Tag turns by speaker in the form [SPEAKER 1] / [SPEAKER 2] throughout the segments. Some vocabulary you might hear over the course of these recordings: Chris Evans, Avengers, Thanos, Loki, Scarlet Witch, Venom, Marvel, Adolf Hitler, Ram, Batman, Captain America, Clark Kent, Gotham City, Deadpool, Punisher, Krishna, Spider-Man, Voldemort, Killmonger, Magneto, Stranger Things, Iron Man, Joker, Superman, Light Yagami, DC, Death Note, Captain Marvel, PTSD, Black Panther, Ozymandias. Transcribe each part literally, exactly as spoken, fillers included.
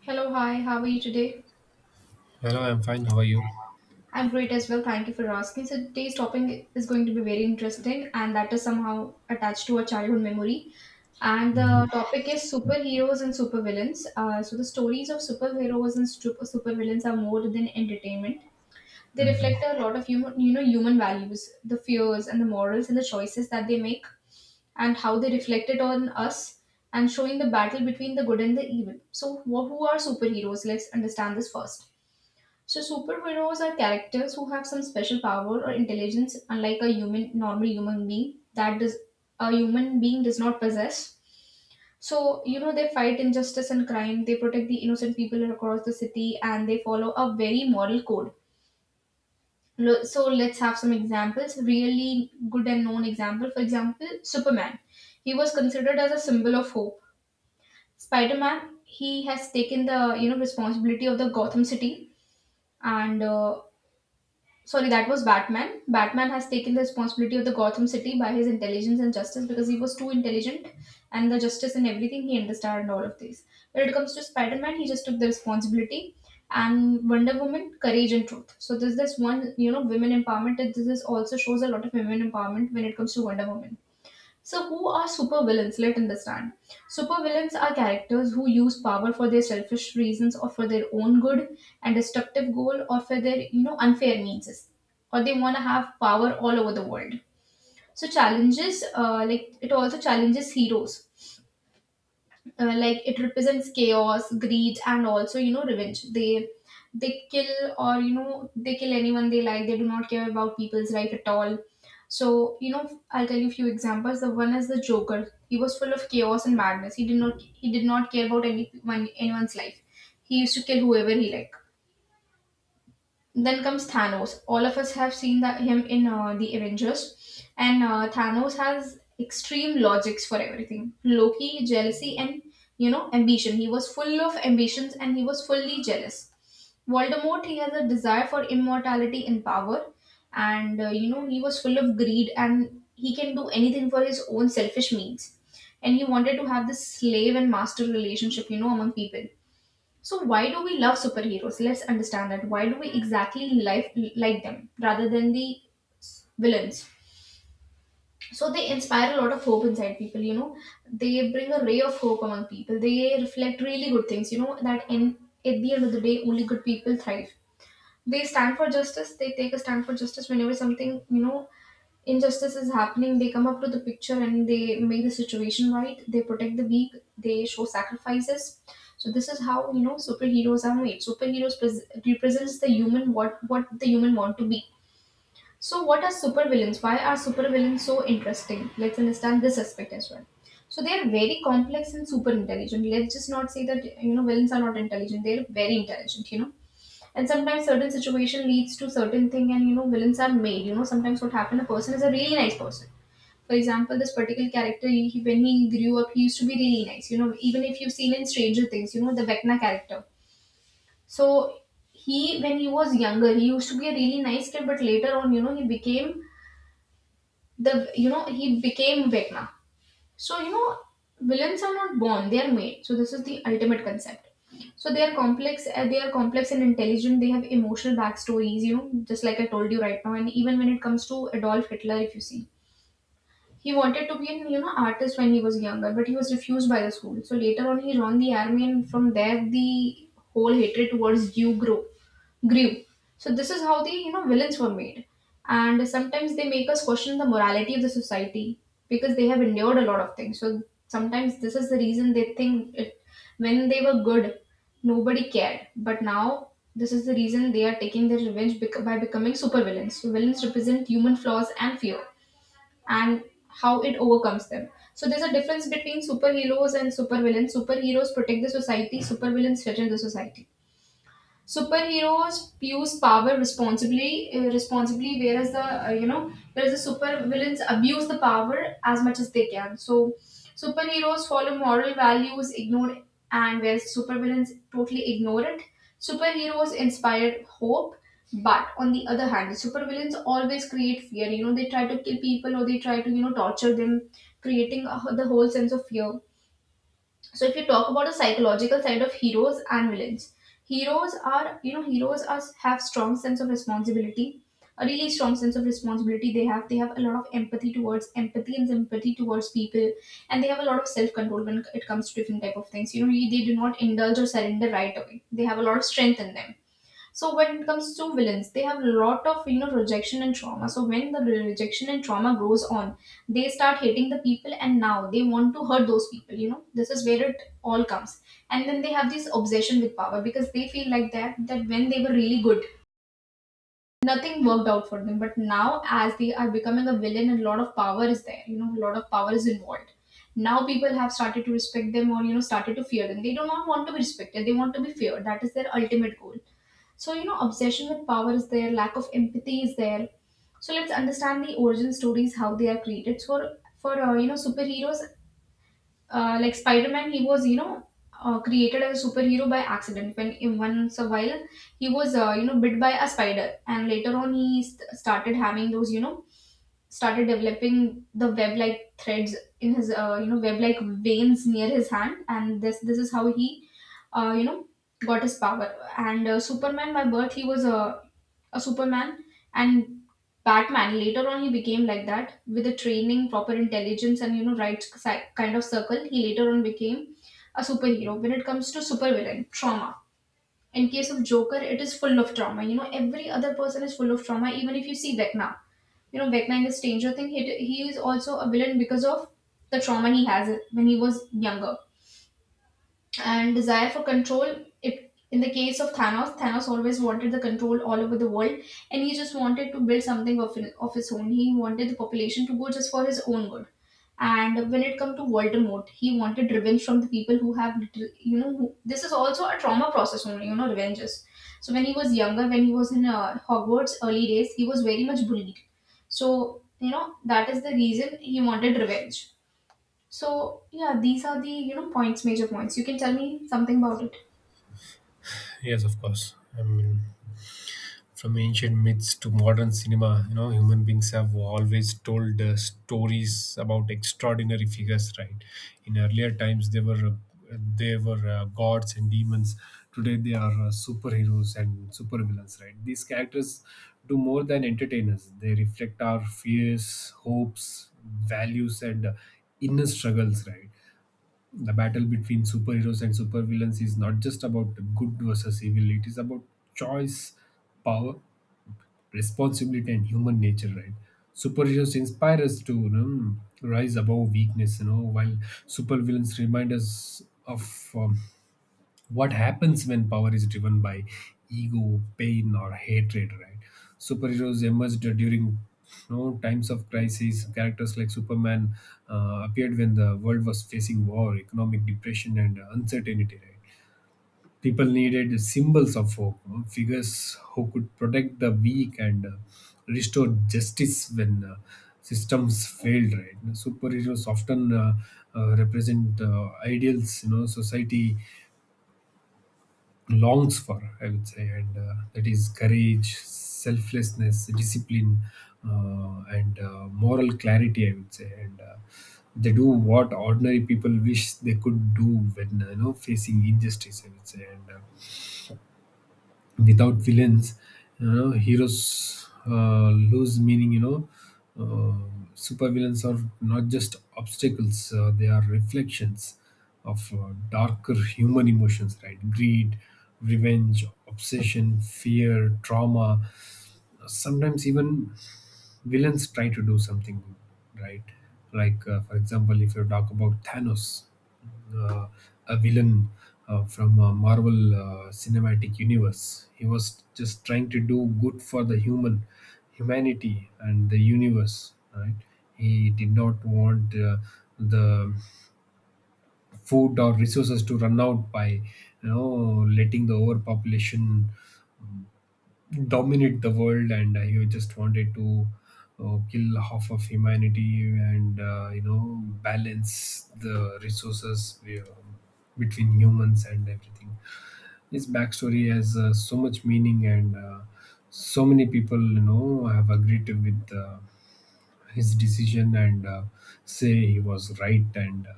[SPEAKER 1] Hello, hi, how are you today?
[SPEAKER 2] Hello, I'm fine. How are you?
[SPEAKER 1] I'm great as well, thank you for asking. So, today's topic is going to be very interesting, and that is somehow attached to a childhood memory. And
[SPEAKER 2] Hmm.
[SPEAKER 1] the topic is superheroes and supervillains. Uh, so, the stories of superheroes and super supervillains are more than entertainment. They reflect
[SPEAKER 2] Hmm.
[SPEAKER 1] a lot of human, you know, human values, the fears and the morals and the choices that they make, and how they reflect it on us, and showing the battle between the good and the evil. So, wh- who are superheroes? Let's understand this first. So superheroes are characters who have some special power or intelligence, unlike a human, normal human being that does a human being does not possess. So you know they fight injustice and crime. They protect the innocent people across the city, and they follow a very moral code. Lo- So let's have some examples. Really good and known example. For example, Superman. He was considered as a symbol of hope. Spider Man. He has taken the you know responsibility of the Gotham City and. Uh, Sorry, that was Batman. Batman has taken the responsibility of the Gotham City by his intelligence and justice because he was too intelligent and the justice and everything he understood and all of these. When it comes to Spider Man, he just took the responsibility, and Wonder Woman, courage and truth. So this this one, you know, women empowerment. This is also shows a lot of women empowerment when it comes to Wonder Woman. So, who are supervillains? Let understand. Supervillains are characters who use power for their selfish reasons or for their own good and destructive goal or for their you know unfair means, or they want to have power all over the world. So challenges, uh, like it also challenges heroes, uh, like it represents chaos, greed, and also you know revenge. They they kill, or you know they kill anyone they like. They do not care about people's life at all. So you know, I'll tell you a few examples. The one is the Joker. He was full of chaos and madness. He did not he did not care about anyone, anyone's life. He used to kill whoever he liked. Then comes Thanos. All of us have seen that him in uh, the Avengers, and uh, Thanos has extreme logics for everything. Loki, jealousy, and you know ambition. He was full of ambitions, and he was fully jealous. Voldemort, he has a desire for immortality and power, and uh, you know he was full of greed, and he can do anything for his own selfish means. And he wanted to have this slave and master relationship, you know, among people. So why do we love superheroes? Let's understand that. Why do we exactly like like them rather than the villains? So they inspire a lot of hope inside people. You know, they bring a ray of hope among people. They reflect really good things. You know that in at the end of the day, only good people thrive. They stand for justice. They take a stand for justice whenever something you know injustice is happening, they come up to the picture and they make the situation right. They protect the weak. They show sacrifices. So this is how you know superheroes are made. Superheroes pres- represents the human, what what the human want to be. So what are supervillains? Why are supervillains so interesting? Let's understand this aspect as well. So they are very complex and super intelligent. Let's just not say that you know villains are not intelligent. They are very intelligent. You know, and sometimes certain situation leads to certain thing, and you know villains are made. You know, sometimes what happens, a person is a really nice person. For example, this particular character, he, when he grew up, he used to be really nice. You know, even if you've seen in Stranger Things, you know, the Vecna character. So he, when he was younger, he used to be a really nice kid, but later on, you know, he became the, you know, he became Vecna. So, you know, villains are not born, they are made. So this is the ultimate concept. So they are complex, uh, they are complex and intelligent. They have emotional backstories, you know, just like I told you right now. And even when it comes to Adolf Hitler, if you see, he wanted to be an you know artist when he was younger, but he was refused by the school. So later on, he joined the army, and from there, the whole hatred towards Jew grew. Grew. So this is how the you know villains were made, and sometimes they make us question the morality of the society because they have endured a lot of things. So sometimes this is the reason they think it, when they were good, nobody cared, but now this is the reason they are taking their revenge, bec- by becoming supervillains. So villains represent human flaws and fear, and how it overcomes them. So there's a difference between superheroes and supervillains. Superheroes protect the society, supervillains shatter the society. Superheroes use power responsibly, uh, responsibly, whereas the uh, you know whereas the super villains abuse the power as much as they can. So superheroes follow moral values, ignored, and whereas supervillains totally ignore it. Superheroes inspire hope, but on the other hand, the super always create fear. You know they try to kill people or they try to you know torture them, creating a, the whole sense of fear. So if you talk about the psychological side of heroes and villains, heroes are you know heroes are have strong sense of responsibility, a really strong sense of responsibility they have. They have a lot of empathy towards empathy and sympathy towards people, and they have a lot of self control when it comes to different type of things. You know, they do not indulge or surrender right away. They have a lot of strength in them. So when it comes to villains, they have a lot of you know rejection and trauma. So when the rejection and trauma grows on, they start hating the people, and now they want to hurt those people. You know, this is where it all comes. And then they have this obsession with power because they feel like that that when they were really good, nothing worked out for them. But now, as they are becoming a villain, a lot of power is there. You know, a lot of power is involved. Now people have started to respect them, or you know started to fear them. They do not want to be respected. They want to be feared. That is their ultimate goal. So you know, obsession with power is there. Lack of empathy is there. So let's understand the origin stories, how they are created. So for uh, you know superheroes, uh, like Spider-Man, he was you know uh, created as a superhero by accident. When in once a while he was uh, you know bit by a spider, and later on he st- started having those you know started developing the web like threads in his uh, you know web like veins near his hand, and this this is how he uh, you know got his power. And uh, Superman, by birth he was a a Superman. And Batman, later on, he became like that with the training, proper intelligence, and you know, right si- kind of circle. He later on became a superhero. When it comes to supervillain, trauma. In case of Joker, it is full of trauma. You know, every other person is full of trauma. Even if you see Vecna, you know, Vecna in the Stranger Thing, he, he is also a villain because of the trauma he has when he was younger, and desire for control. If in the case of Thanos, Thanos always wanted the control all over the world, and he just wanted to build something of, of his own. He wanted the population to go just for his own good. And when it comes to Voldemort, he wanted revenge from the people who have little, you know, who, this is also a trauma process only, you know, revenges. So when he was younger, when he was in uh, Hogwarts early days, he was very much bullied. So you know that is the reason he wanted revenge. So yeah, these are the you know points, major points. You can tell me something about it.
[SPEAKER 2] Yes, of course. I mean, from ancient myths to modern cinema, you know, human beings have always told uh, stories about extraordinary figures, right? In earlier times, they were uh, they were uh, gods and demons. Today, they are uh, superheroes and supervillains, right? These characters do more than entertain us. They reflect our fears, hopes, values, and uh, inner struggles, right? The battle between superheroes and supervillains is not just about good versus evil. It is about choice, power, responsibility, and human nature, right? Superheroes inspire us to you know, rise above weakness you know while supervillains remind us of um, what happens when power is driven by ego, pain, or hatred, right? Superheroes emerged during you know, times of crisis. Characters like Superman uh, appeared when the world was facing war, economic depression, and uncertainty, right? People needed symbols of hope, you know, figures who could protect the weak and uh, restore justice when uh, systems failed, right? Superheroes often uh, uh, represent uh, ideals, you know, society longs for, I would say, and uh, that is courage, selflessness, discipline, uh, and uh, moral clarity, I would say. And uh, they do what ordinary people wish they could do when uh, you know facing injustice, I would say. And uh, without villains, you know heroes uh, lose meaning. you know uh, Supervillains are not just obstacles. Uh, they are reflections of uh, darker human emotions, right? Greed, revenge, obsession, fear, trauma. Sometimes even villains try to do something good, right? Like uh, for example, if you talk about thanos, uh, a villain uh, from uh, Marvel uh, Cinematic Universe. He was just trying to do good for the human humanity and the universe. Right? He did not want uh, the food or resources to run out by you know letting the overpopulation dominate the world, and uh, he just wanted to uh, kill half of humanity and uh, you know balance the resources uh, between humans and everything. His backstory has uh, so much meaning, and uh, so many people you know have agreed to with uh, his decision, and uh, say he was right. And uh,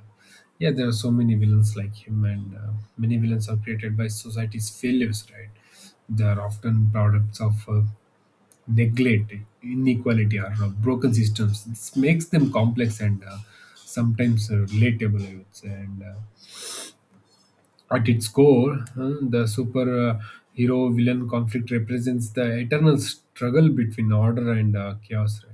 [SPEAKER 2] yeah, there are so many villains like him, and uh, many villains are created by society's failures, right? They are often products of uh, neglect, inequality, or uh, broken systems. This makes them complex and uh, sometimes uh, relatable, I would say. And uh, at its core, uh, the super uh, hero villain conflict represents the eternal struggle between order and uh, chaos, right?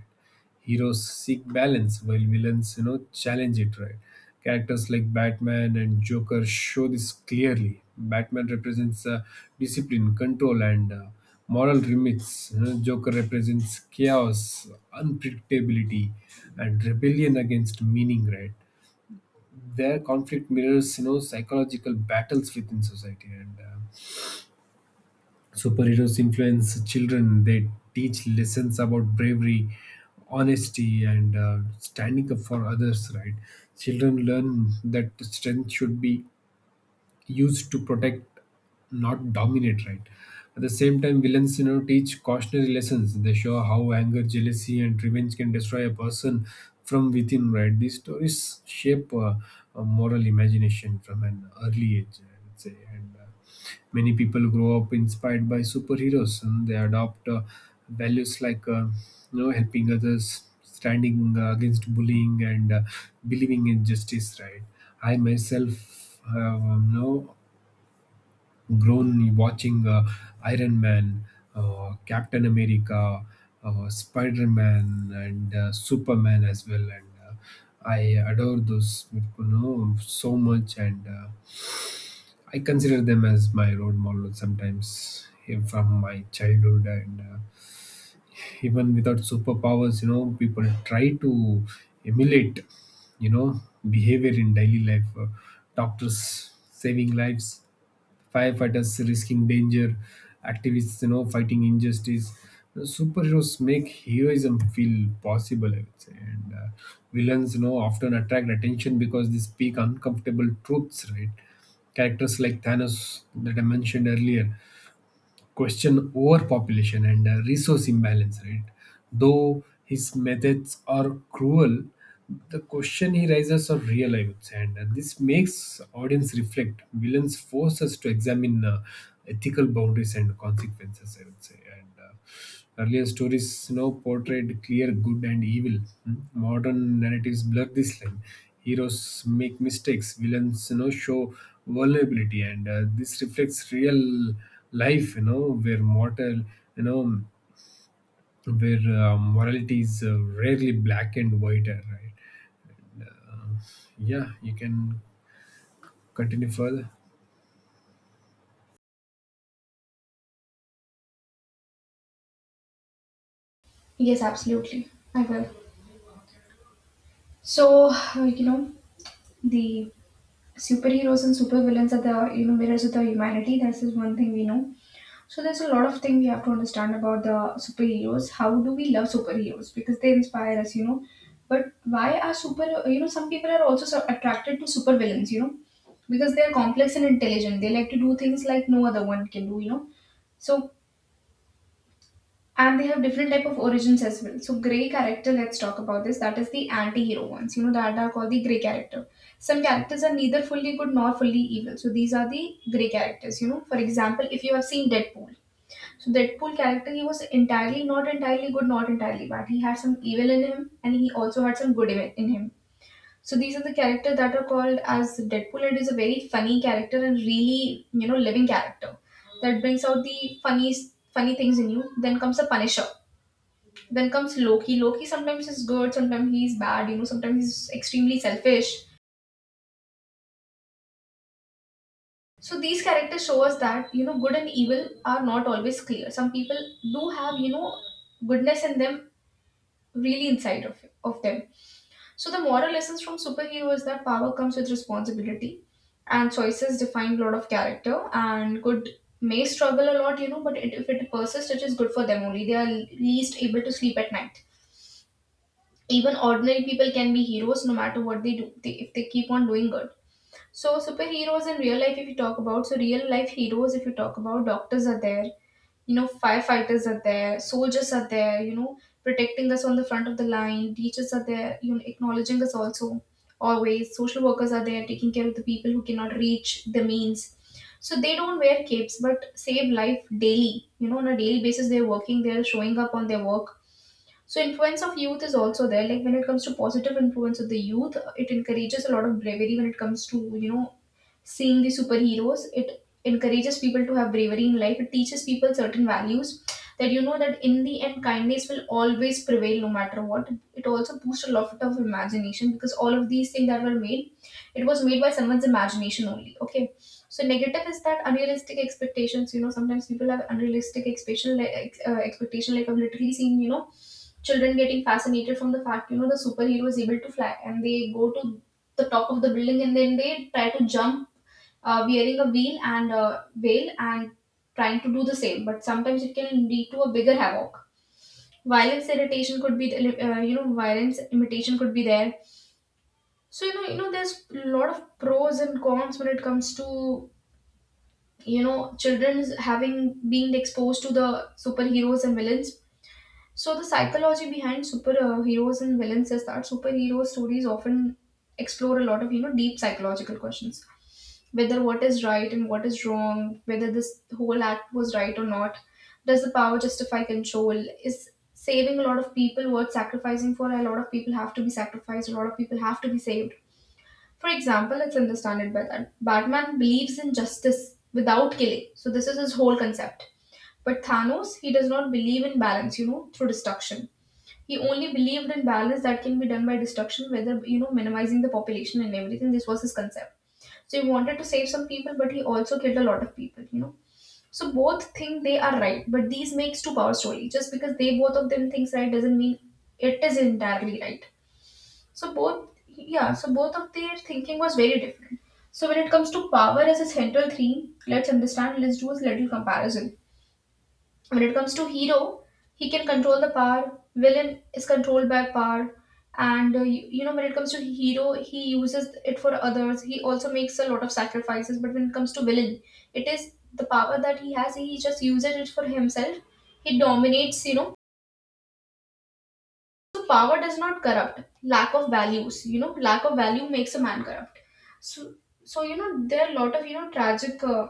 [SPEAKER 2] Heroes seek balance while villains, you know, challenge it, right? Characters like Batman and Joker show this clearly. Batman represents uh, discipline, control, and uh, moral limits. You know, Joker represents chaos, unpredictability, and rebellion against meaning, right? Their conflict mirrors you know psychological battles within society, and uh, superheroes influence children. They teach lessons about bravery, honesty, and uh, standing up for others, right? Children learn that strength should be used to protect, not dominate, right? At the same time, villains, you know, teach cautionary lessons. They show how anger, jealousy, and revenge can destroy a person from within, right? These stories shape uh, a moral imagination from an early age, I would say. And uh, many people grow up inspired by superheroes, and they adopt uh, values like, uh, you know, helping others, standing uh, against bullying, and uh, believing in justice, right? I myself have um, no grown watching uh, Iron Man, uh, Captain America, uh, Spider Man, and uh, Superman as well. And uh, I adore those, you know, so much. And uh, I consider them as my role model sometimes eh, from my childhood. And uh, even without superpowers, you know, people try to emulate, you know, behavior in daily life. Uh, doctors saving lives, firefighters risking danger, activists, you know, fighting injustice. Superheroes make heroism feel possible, I would say. And uh, villains, you know, often attract attention because they speak uncomfortable truths, right? Characters like Thanos that I mentioned earlier question overpopulation and uh, resource imbalance, right? Though his methods are cruel, the question he raises are real, I would say, and uh, this makes audience reflect. Villains force us to examine uh, ethical boundaries and consequences, I would say. And Uh, earlier stories, you know, portrayed clear good and evil. Hmm? Modern narratives blur this line. Heroes make mistakes, villains you know show vulnerability, and uh, this reflects real life, you know where mortal you know where uh, morality is uh, rarely black and white, uh, right. Yeah, you can continue further.
[SPEAKER 1] Yes, absolutely, I will. So like, you know the superheroes and supervillains are the you know mirrors of the humanity. This is one thing we know. So there's a lot of thing we have to understand about the superheroes. How do we love superheroes? Because they inspire us, you know. But why are super you know some people are also so attracted to supervillains, you know, because they are complex and intelligent. They like to do things like no other one can do, you know. So And they have different type of origins as well. So grey character, let's talk about this. That is the anti-hero ones. You know that are called the grey character. Some characters are neither fully good nor fully evil. So these are the grey characters. You know, for example, if you have seen Deadpool, so Deadpool character he was entirely not entirely good, not entirely bad. He had some evil in him, and he also had some good in in him. So these are the character that are called as Deadpool. It is a very funny character and really you know living character that brings out the funny funny things in you. Then comes the Punisher, then comes Loki. Loki sometimes is good, sometimes he is bad, you know, sometimes he's extremely selfish. So these characters show us that, you know, good and evil are not always clear. Some people do have, you know, goodness in them really inside of, of them. So the moral lessons from superhero is that power comes with responsibility, and choices define a lot of character, and good may struggle a lot, you know, but it, if it persists, it is good for them only. They are least able to sleep at night. Even ordinary people can be heroes no matter what they do they, if they keep on doing good. So superheroes in real life if you talk about so real life heroes, if you talk about, doctors are there, you know firefighters are there, soldiers are there, you know protecting us on the front of the line, teachers are there, you know acknowledging us also always, social workers are there taking care of the people who cannot reach the means. So they don't wear capes but save life daily, you know on a daily basis they're working, they're showing up on their work. So influence of youth is also there. Like when it comes to positive influence of the youth, it encourages a lot of bravery. When it comes to you know seeing the superheroes, it encourages people to have bravery in life. It teaches people certain values, that you know that in the end kindness will always prevail no matter what. It also boosts a lot of imagination, because all of these things that were made, it was made by someone's imagination only. Okay, so negative is that unrealistic expectations. You know sometimes people have unrealistic expectation like ex- uh, expectation like I've literally seen, you know children getting fascinated from the fact, you know the superhero is able to fly, and they go to the top of the building, and then they try to jump, uh, wearing a wheel and a veil and trying to do the same, but sometimes it can lead to a bigger havoc. Violence irritation could be, uh, you know violence imitation could be there. So you know you know there's a lot of pros and cons when it comes to, you know children's having being exposed to the superheroes and villains. So the psychology behind superheroes and villains is that superhero stories often explore a lot of you know deep psychological questions: whether what is right and what is wrong, whether this whole act was right or not, does the power justify control? Is saving a lot of people worth sacrificing for? A lot of people have to be sacrificed. A lot of people have to be saved. For example, it's by that Batman believes in justice without killing. So this is his whole concept. But Thanos, he does not believe in balance, you know, through destruction. He only believed in balance that can be done by destruction, whether you know minimizing the population and everything. This was his concept. So he wanted to save some people, but he also killed a lot of people. You know, so both think they are right, but these makes two power story. Just because they both of them thinks right doesn't mean it is entirely right. So both, yeah, so both of their thinking was very different. So when it comes to power as a central theme, let's understand. Let's do a little comparison. When it comes to hero, he can control the power. Villain is controlled by power. And uh, you, you know when it comes to hero, he uses it for others, he also makes a lot of sacrifices. But when it comes to villain, it is the power that he has, he just uses it for himself. He dominates, you know. So power does not corrupt; lack of values, you know lack of value makes a man corrupt. So so you know, there are a lot of, you know tragic uh,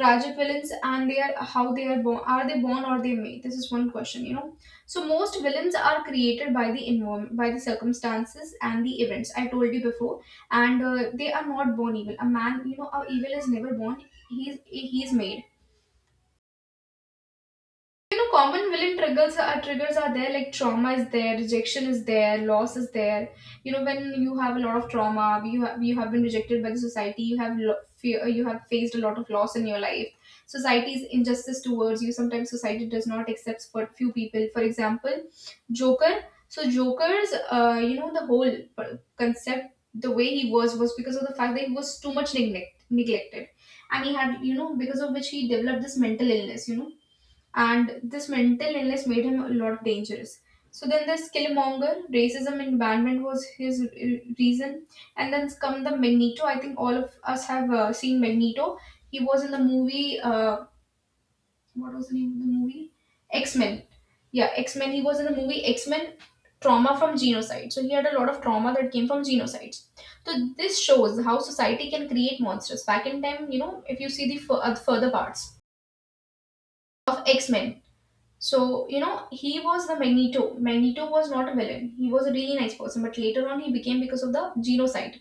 [SPEAKER 1] tragic villains, and they are, how they are born? Are they born or they made? This is one question, you know. So most villains are created by the environment, by the circumstances and the events I told you before, and uh, they are not born evil. A man, you know, a evil is never born, he's he's made, you know. Common villain triggers are triggers are there, like trauma is there, rejection is there, loss is there. You know, when you have a lot of trauma, you have you have been rejected by the society, you have lo- fear, you have faced a lot of loss in your life. Society's injustice towards you. Sometimes society does not accept for few people. For example, Joker. So Joker's, uh, you know, the whole per- concept, the way he was, was because of the fact that he was too much neglect, neglected, and he had, you know, because of which he developed this mental illness. You know, and this mental illness made him a lot dangerous. So then the Skillmonger, racism and banishment was his re- reason, and then come the Magneto. I think all of us have uh, seen Magneto. He was in the movie. Uh, what was the name of the movie? X Men. Yeah, X Men. He was in the movie X Men. Trauma from genocide. So he had a lot of trauma that came from genocides. So this shows how society can create monsters. Back in time, you know, if you see the fur- uh, further parts of X Men, so, you know, he was the Magneto. Magneto was not a villain. He was a really nice person, but later on he became, because of the genocide.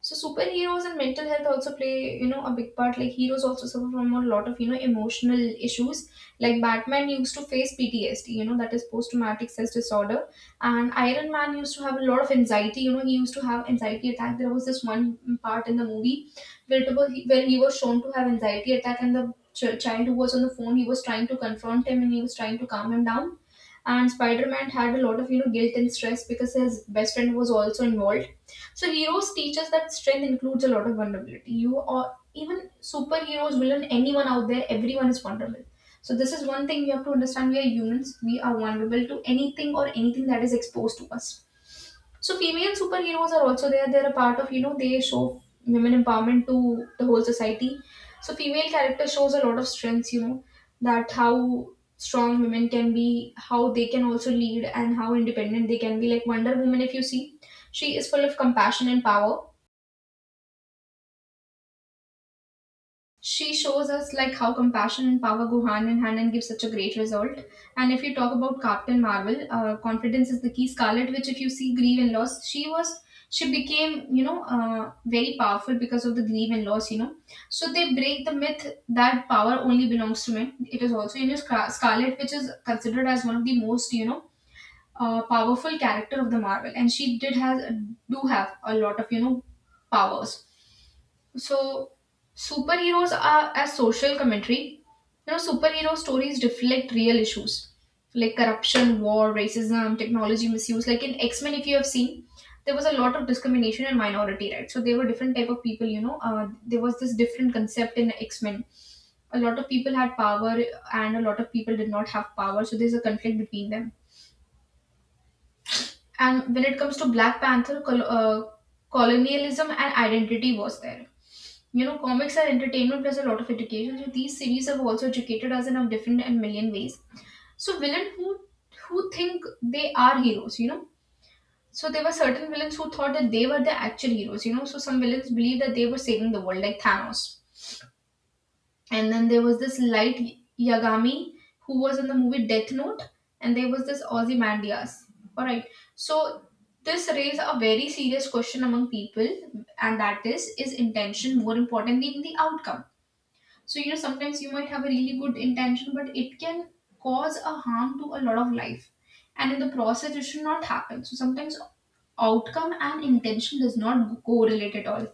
[SPEAKER 1] So superheroes and mental health also play, you know, a big part. Like heroes also suffer from a lot of, you know, emotional issues. Like Batman used to face P T S D, you know, that is post-traumatic stress disorder. And Iron Man used to have a lot of anxiety, you know, he used to have anxiety attack. There was this one part in the movie where it was, where he was shown to have anxiety attack, and the ch- child who was on the phone, he was trying to confront him and he was trying to calm him down. And Spider-Man had a lot of, you know, guilt and stress because his best friend was also involved. So heroes teach us that strength includes a lot of vulnerability. You, or even superheroes, villain, anyone out there, everyone is vulnerable. So this is one thing we have to understand. We are humans. We are vulnerable to anything, or anything that is exposed to us. So female superheroes are also there. They're a part of, you know they show women empowerment to the whole society. So female character shows a lot of strengths. You know that how strong women can be, how they can also lead, and how independent they can be. Like Wonder Woman, if you see, she is full of compassion and power. She shows us like how compassion and power go hand in hand and give such a great result. And if you talk about Captain Marvel, uh, confidence is the key. Scarlet which if you see, grief and loss, she was, she became, you know, uh, very powerful because of the grief and loss, you know. So they break the myth that power only belongs to men. It is also in Scar- Scarlet which is considered as one of the most, you know, uh, powerful character of the Marvel, and she did has do have a lot of, you know, powers. So superheroes are a social commentary. You know, superhero stories reflect real issues like corruption, war, racism, technology misuse. Like in X Men, if you have seen, there was a lot of discrimination and minority rights. So there were different type of people. You know, uh, there was this different concept in X Men. A lot of people had power, and a lot of people did not have power. So there's a conflict between them. And when it comes to Black Panther, col- uh, colonialism and identity was there. You know, comics are entertainment plus a lot of education, so these series have also educated us in a different and million ways. So villain who who think they are heroes, you know. So there were certain villains who thought that they were the actual heroes, you know. So some villains believed that they were saving the world, like Thanos. And then there was this Light Yagami, who was in the movie Death Note, and there was this Ozymandias. Alright. So this raised a very serious question among people, and that is, is intention more important than the outcome? So, you know, sometimes you might have a really good intention, but it can cause a harm to a lot of life, and in the process, it should not happen. So sometimes outcome and intention does not correlate at all.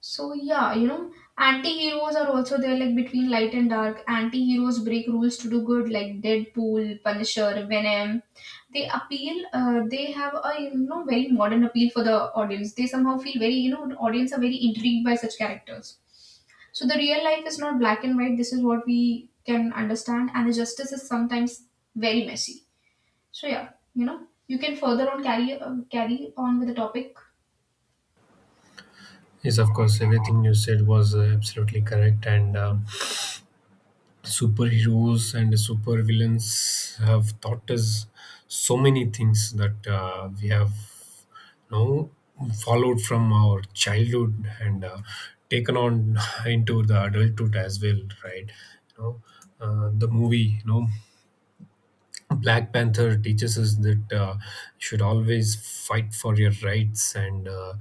[SPEAKER 1] So, yeah, you know, anti heroes are also there, like between light and dark. Anti heroes break rules to do good, like Deadpool, Punisher, Venom. They appeal, uh, they have a, you know, very modern appeal for the audience. They somehow feel very, you know, audience are very intrigued by such characters. So the real life is not black and white. This is what we can understand, and the justice is sometimes very messy. So yeah, you know, you can further on carry uh, carry on with the topic.
[SPEAKER 2] Yes, of course, everything you said was uh, absolutely correct. And um superheroes and supervillains have taught us so many things that uh, we have know followed from our childhood and uh, taken on into the adulthood as well, right? you know uh, the movie, you know Black Panther, teaches us that uh, should always fight for your rights, and uh,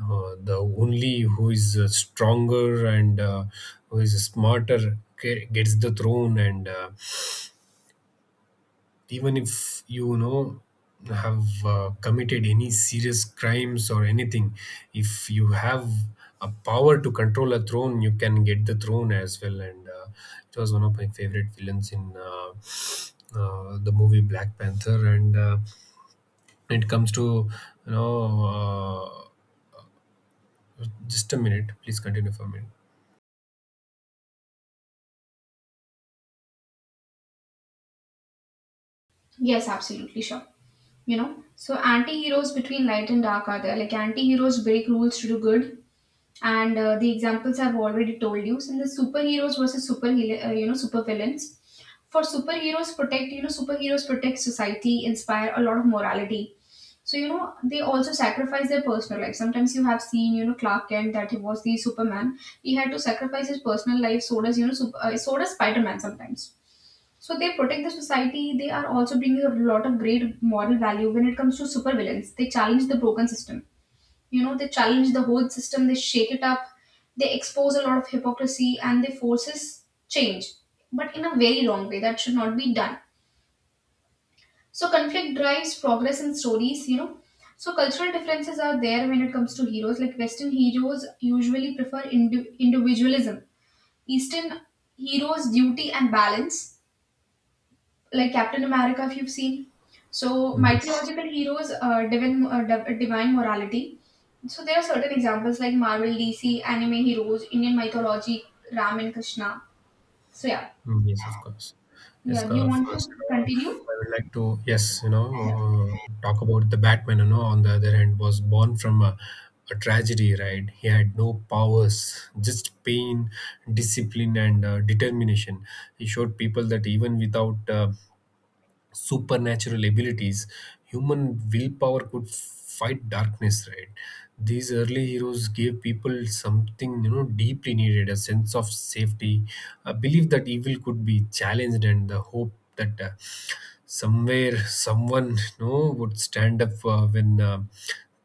[SPEAKER 2] uh, the only who is uh, stronger, and uh, who is smarter ge- gets the throne. And uh, even if you, you know have uh, committed any serious crimes or anything, if you have a power to control a throne, you can get the throne as well. And uh, it was one of my favorite villains in uh, uh, the movie Black Panther. And uh, it comes to you know uh, just a minute, please continue for a minute.
[SPEAKER 1] Yes, absolutely, sure. You know, so anti-heroes between light and dark are there. Like anti-heroes break rules to do good, and uh, the examples I've already told you. So the superheroes versus super uh, you know, super villains. For superheroes protect you know superheroes protect society, inspire a lot of morality. So, you know, they also sacrifice their personal life. Sometimes you have seen, you know, Clark Kent that he was the Superman. He had to sacrifice his personal life. So does, you know, sup- uh, so does Spider-Man sometimes. So they protect the society. They are also bringing a lot of great moral value. When it comes to supervillains, they challenge the broken system. You know, they challenge the whole system. They shake it up. They expose a lot of hypocrisy and they forces change, but in a very wrong way. That should not be done. So conflict drives progress in stories, you know. So cultural differences are there when it comes to heroes. Like Western heroes usually prefer indi- individualism. Eastern heroes, duty and balance. Like Captain America, if you've seen. So
[SPEAKER 2] Yes.
[SPEAKER 1] mythological heroes, uh, divine, uh, div- divine morality. So there are certain examples like Marvel, D C, anime heroes, Indian mythology, Ram and Krishna. So yeah,
[SPEAKER 2] Mm, yes, of course. Yes,
[SPEAKER 1] yeah. Do you
[SPEAKER 2] uh,
[SPEAKER 1] want to
[SPEAKER 2] first, you
[SPEAKER 1] continue?
[SPEAKER 2] I would like to, yes, you know, uh, talk about the Batman, you know, on the other hand, was born from a, a tragedy, right? He had no powers, just pain, discipline, and uh, determination. He showed people that even without uh, supernatural abilities, human willpower could fight darkness, right? These early heroes gave people something you know deeply needed: a sense of safety, a belief that evil could be challenged, and the hope that uh, somewhere someone you know would stand up uh, when uh,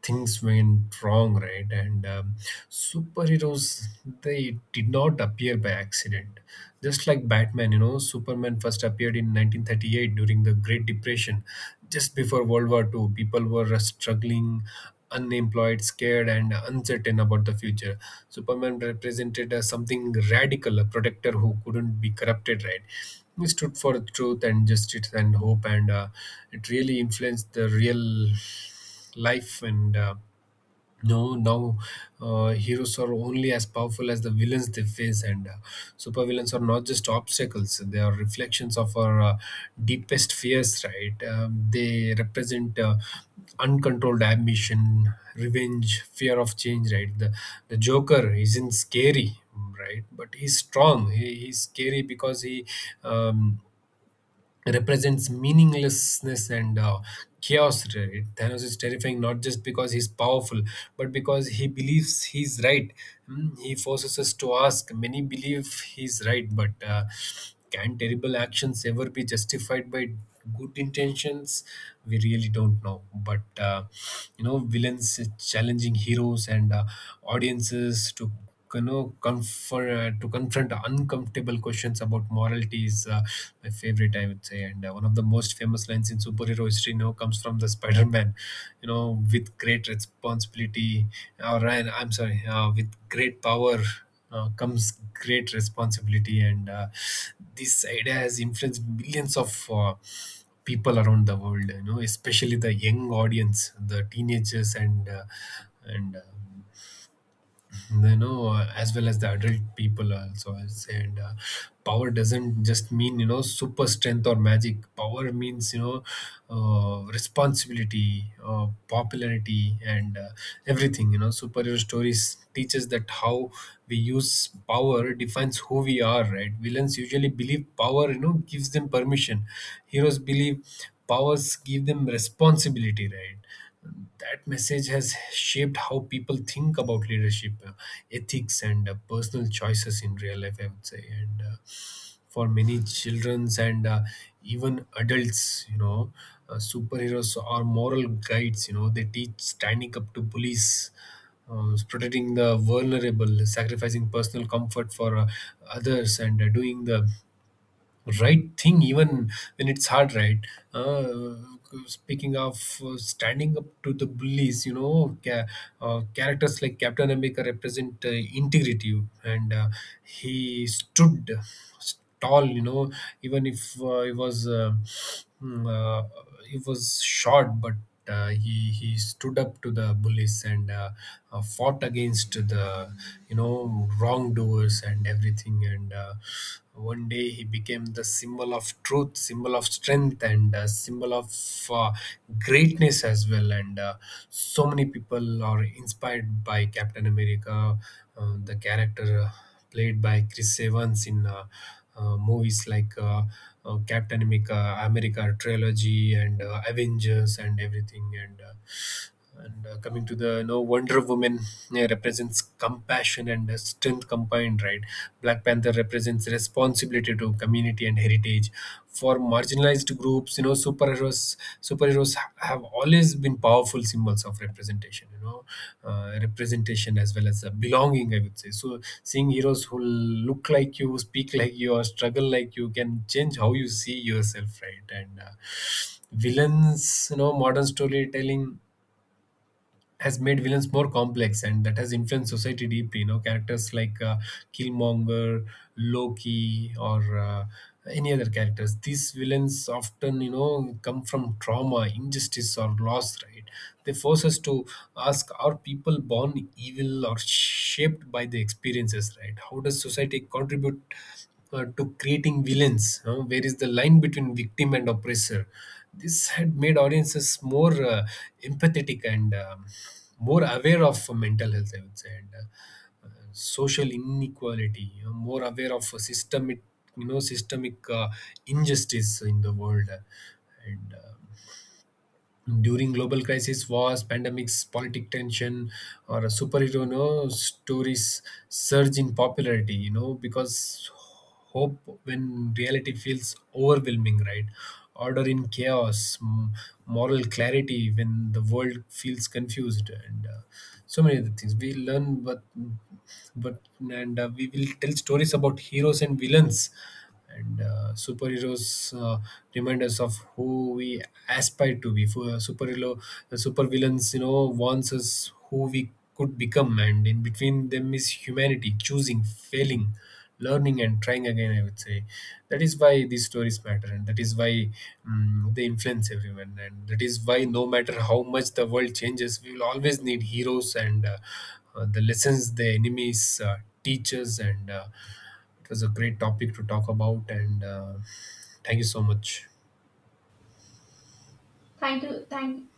[SPEAKER 2] things went wrong, right? And um, superheroes, they did not appear by accident. Just like Batman, you know, Superman first appeared in nineteen thirty-eight during the Great Depression. Just before World War Two. People were uh, struggling, unemployed, scared, and uncertain about the future. Superman represented uh, something radical, a protector who couldn't be corrupted, right? He stood for truth and justice and hope, and uh, it really influenced the real life. And uh, no now uh, heroes are only as powerful as the villains they face. And uh, supervillains are not just obstacles. They are reflections of our uh, deepest fears, right? Um, they represent uh, uncontrolled ambition, revenge, fear of change, right? The, the joker isn't scary, right? But he's strong. He, he's scary because he um, represents meaninglessness and uh, chaos. Right? Thanos is terrifying not just because he's powerful, but because he believes he's right. Hmm. He forces us to ask. Many believe he's right, but uh, can terrible actions ever be justified by good intentions? We really don't know. But uh, you know, villains challenging heroes and uh, audiences to you know, comfort, uh, to confront uncomfortable questions about morality is uh, my favorite, I would say. And uh, one of the most famous lines in superhero history now comes from the Spider-Man, you know, with great responsibility, uh, or Ryan, I'm sorry, uh, with great power uh, comes great responsibility. And uh, this idea has influenced millions of uh, people around the world, you know, especially the young audience, the teenagers, and uh, and uh, they know, uh, as well as the adult people also, I'll say. And uh, power doesn't just mean you know super strength or magic. Power means you know uh, responsibility, uh, popularity, and uh, everything. You know superhero stories teaches that how we use power defines who we are, right? Villains usually believe power you know gives them permission. Heroes believe powers give them responsibility, right? That message has shaped how people think about leadership, uh, ethics, and uh, personal choices in real life, I would say. And uh, for many childrens, and uh, even adults, you know, uh, superheroes are moral guides. You know, they teach standing up to police, uh, protecting the vulnerable, sacrificing personal comfort for uh, others, and uh, doing the right thing even when it's hard, right? uh, Speaking of uh, standing up to the bullies, you know ca- uh, characters like Captain America represent uh, integrity. And uh, he stood tall, you know even if uh, he was uh, mm, uh, he was short, but uh, he he stood up to the bullies and uh, uh, fought against the you know wrongdoers and everything. And uh, one day he became the symbol of truth, symbol of strength, and uh, symbol of uh, greatness as well. And uh, so many people are inspired by Captain America, uh, the character Uh, played by Chris Evans in uh, uh, movies like uh, uh, Captain America, America trilogy, and uh, Avengers, and everything. And uh, and uh, coming to the no Wonder Woman uh, represents compassion and uh, strength combined, right? Black Panther represents responsibility to community and heritage. For for marginalized groups, you know superheroes superheroes have always been powerful symbols of representation, you know uh, representation as well as uh, belonging, I would say. So seeing heroes who look like you, speak like you, or struggle like you can change how you see yourself, right? And uh, villains, you know modern storytelling has made villains more complex, and that has influenced society deeply. You know, characters like uh, Killmonger, Loki, or uh, any other characters. These villains often, you know, come from trauma, injustice, or loss, right? They force us to ask, are people born evil or shaped by the experiences, right? How does society contribute uh, to creating villains? Uh, where is the line between victim and oppressor? This had made audiences more uh, empathetic, and um, more aware of uh, mental health, I would say, and uh, uh, social inequality. You know, more aware of uh, systemic, you know, systemic uh, injustice in the world. And um during global crisis, wars, pandemics, politic tension, or a superhero, no stories surge in popularity, you know because hope when reality feels overwhelming, right? Order in chaos, m- moral clarity when the world feels confused. And uh, so many other things we learn. But but and uh, we will tell stories about heroes and villains, and uh, superheroes uh, remind us of who we aspire to be. For uh, superhero, uh, supervillains, you know, warns us who we could become, and in between them is humanity choosing, failing, learning, and trying again. I would say that is why these stories matter, and that is why mm they influence everyone. And that is why no matter how much the world changes, we will always need heroes, and uh, uh, the lessons the enemies uh, teach us. And Uh, it was a great topic to talk about, and uh, thank you so much.
[SPEAKER 1] Thank you. Thank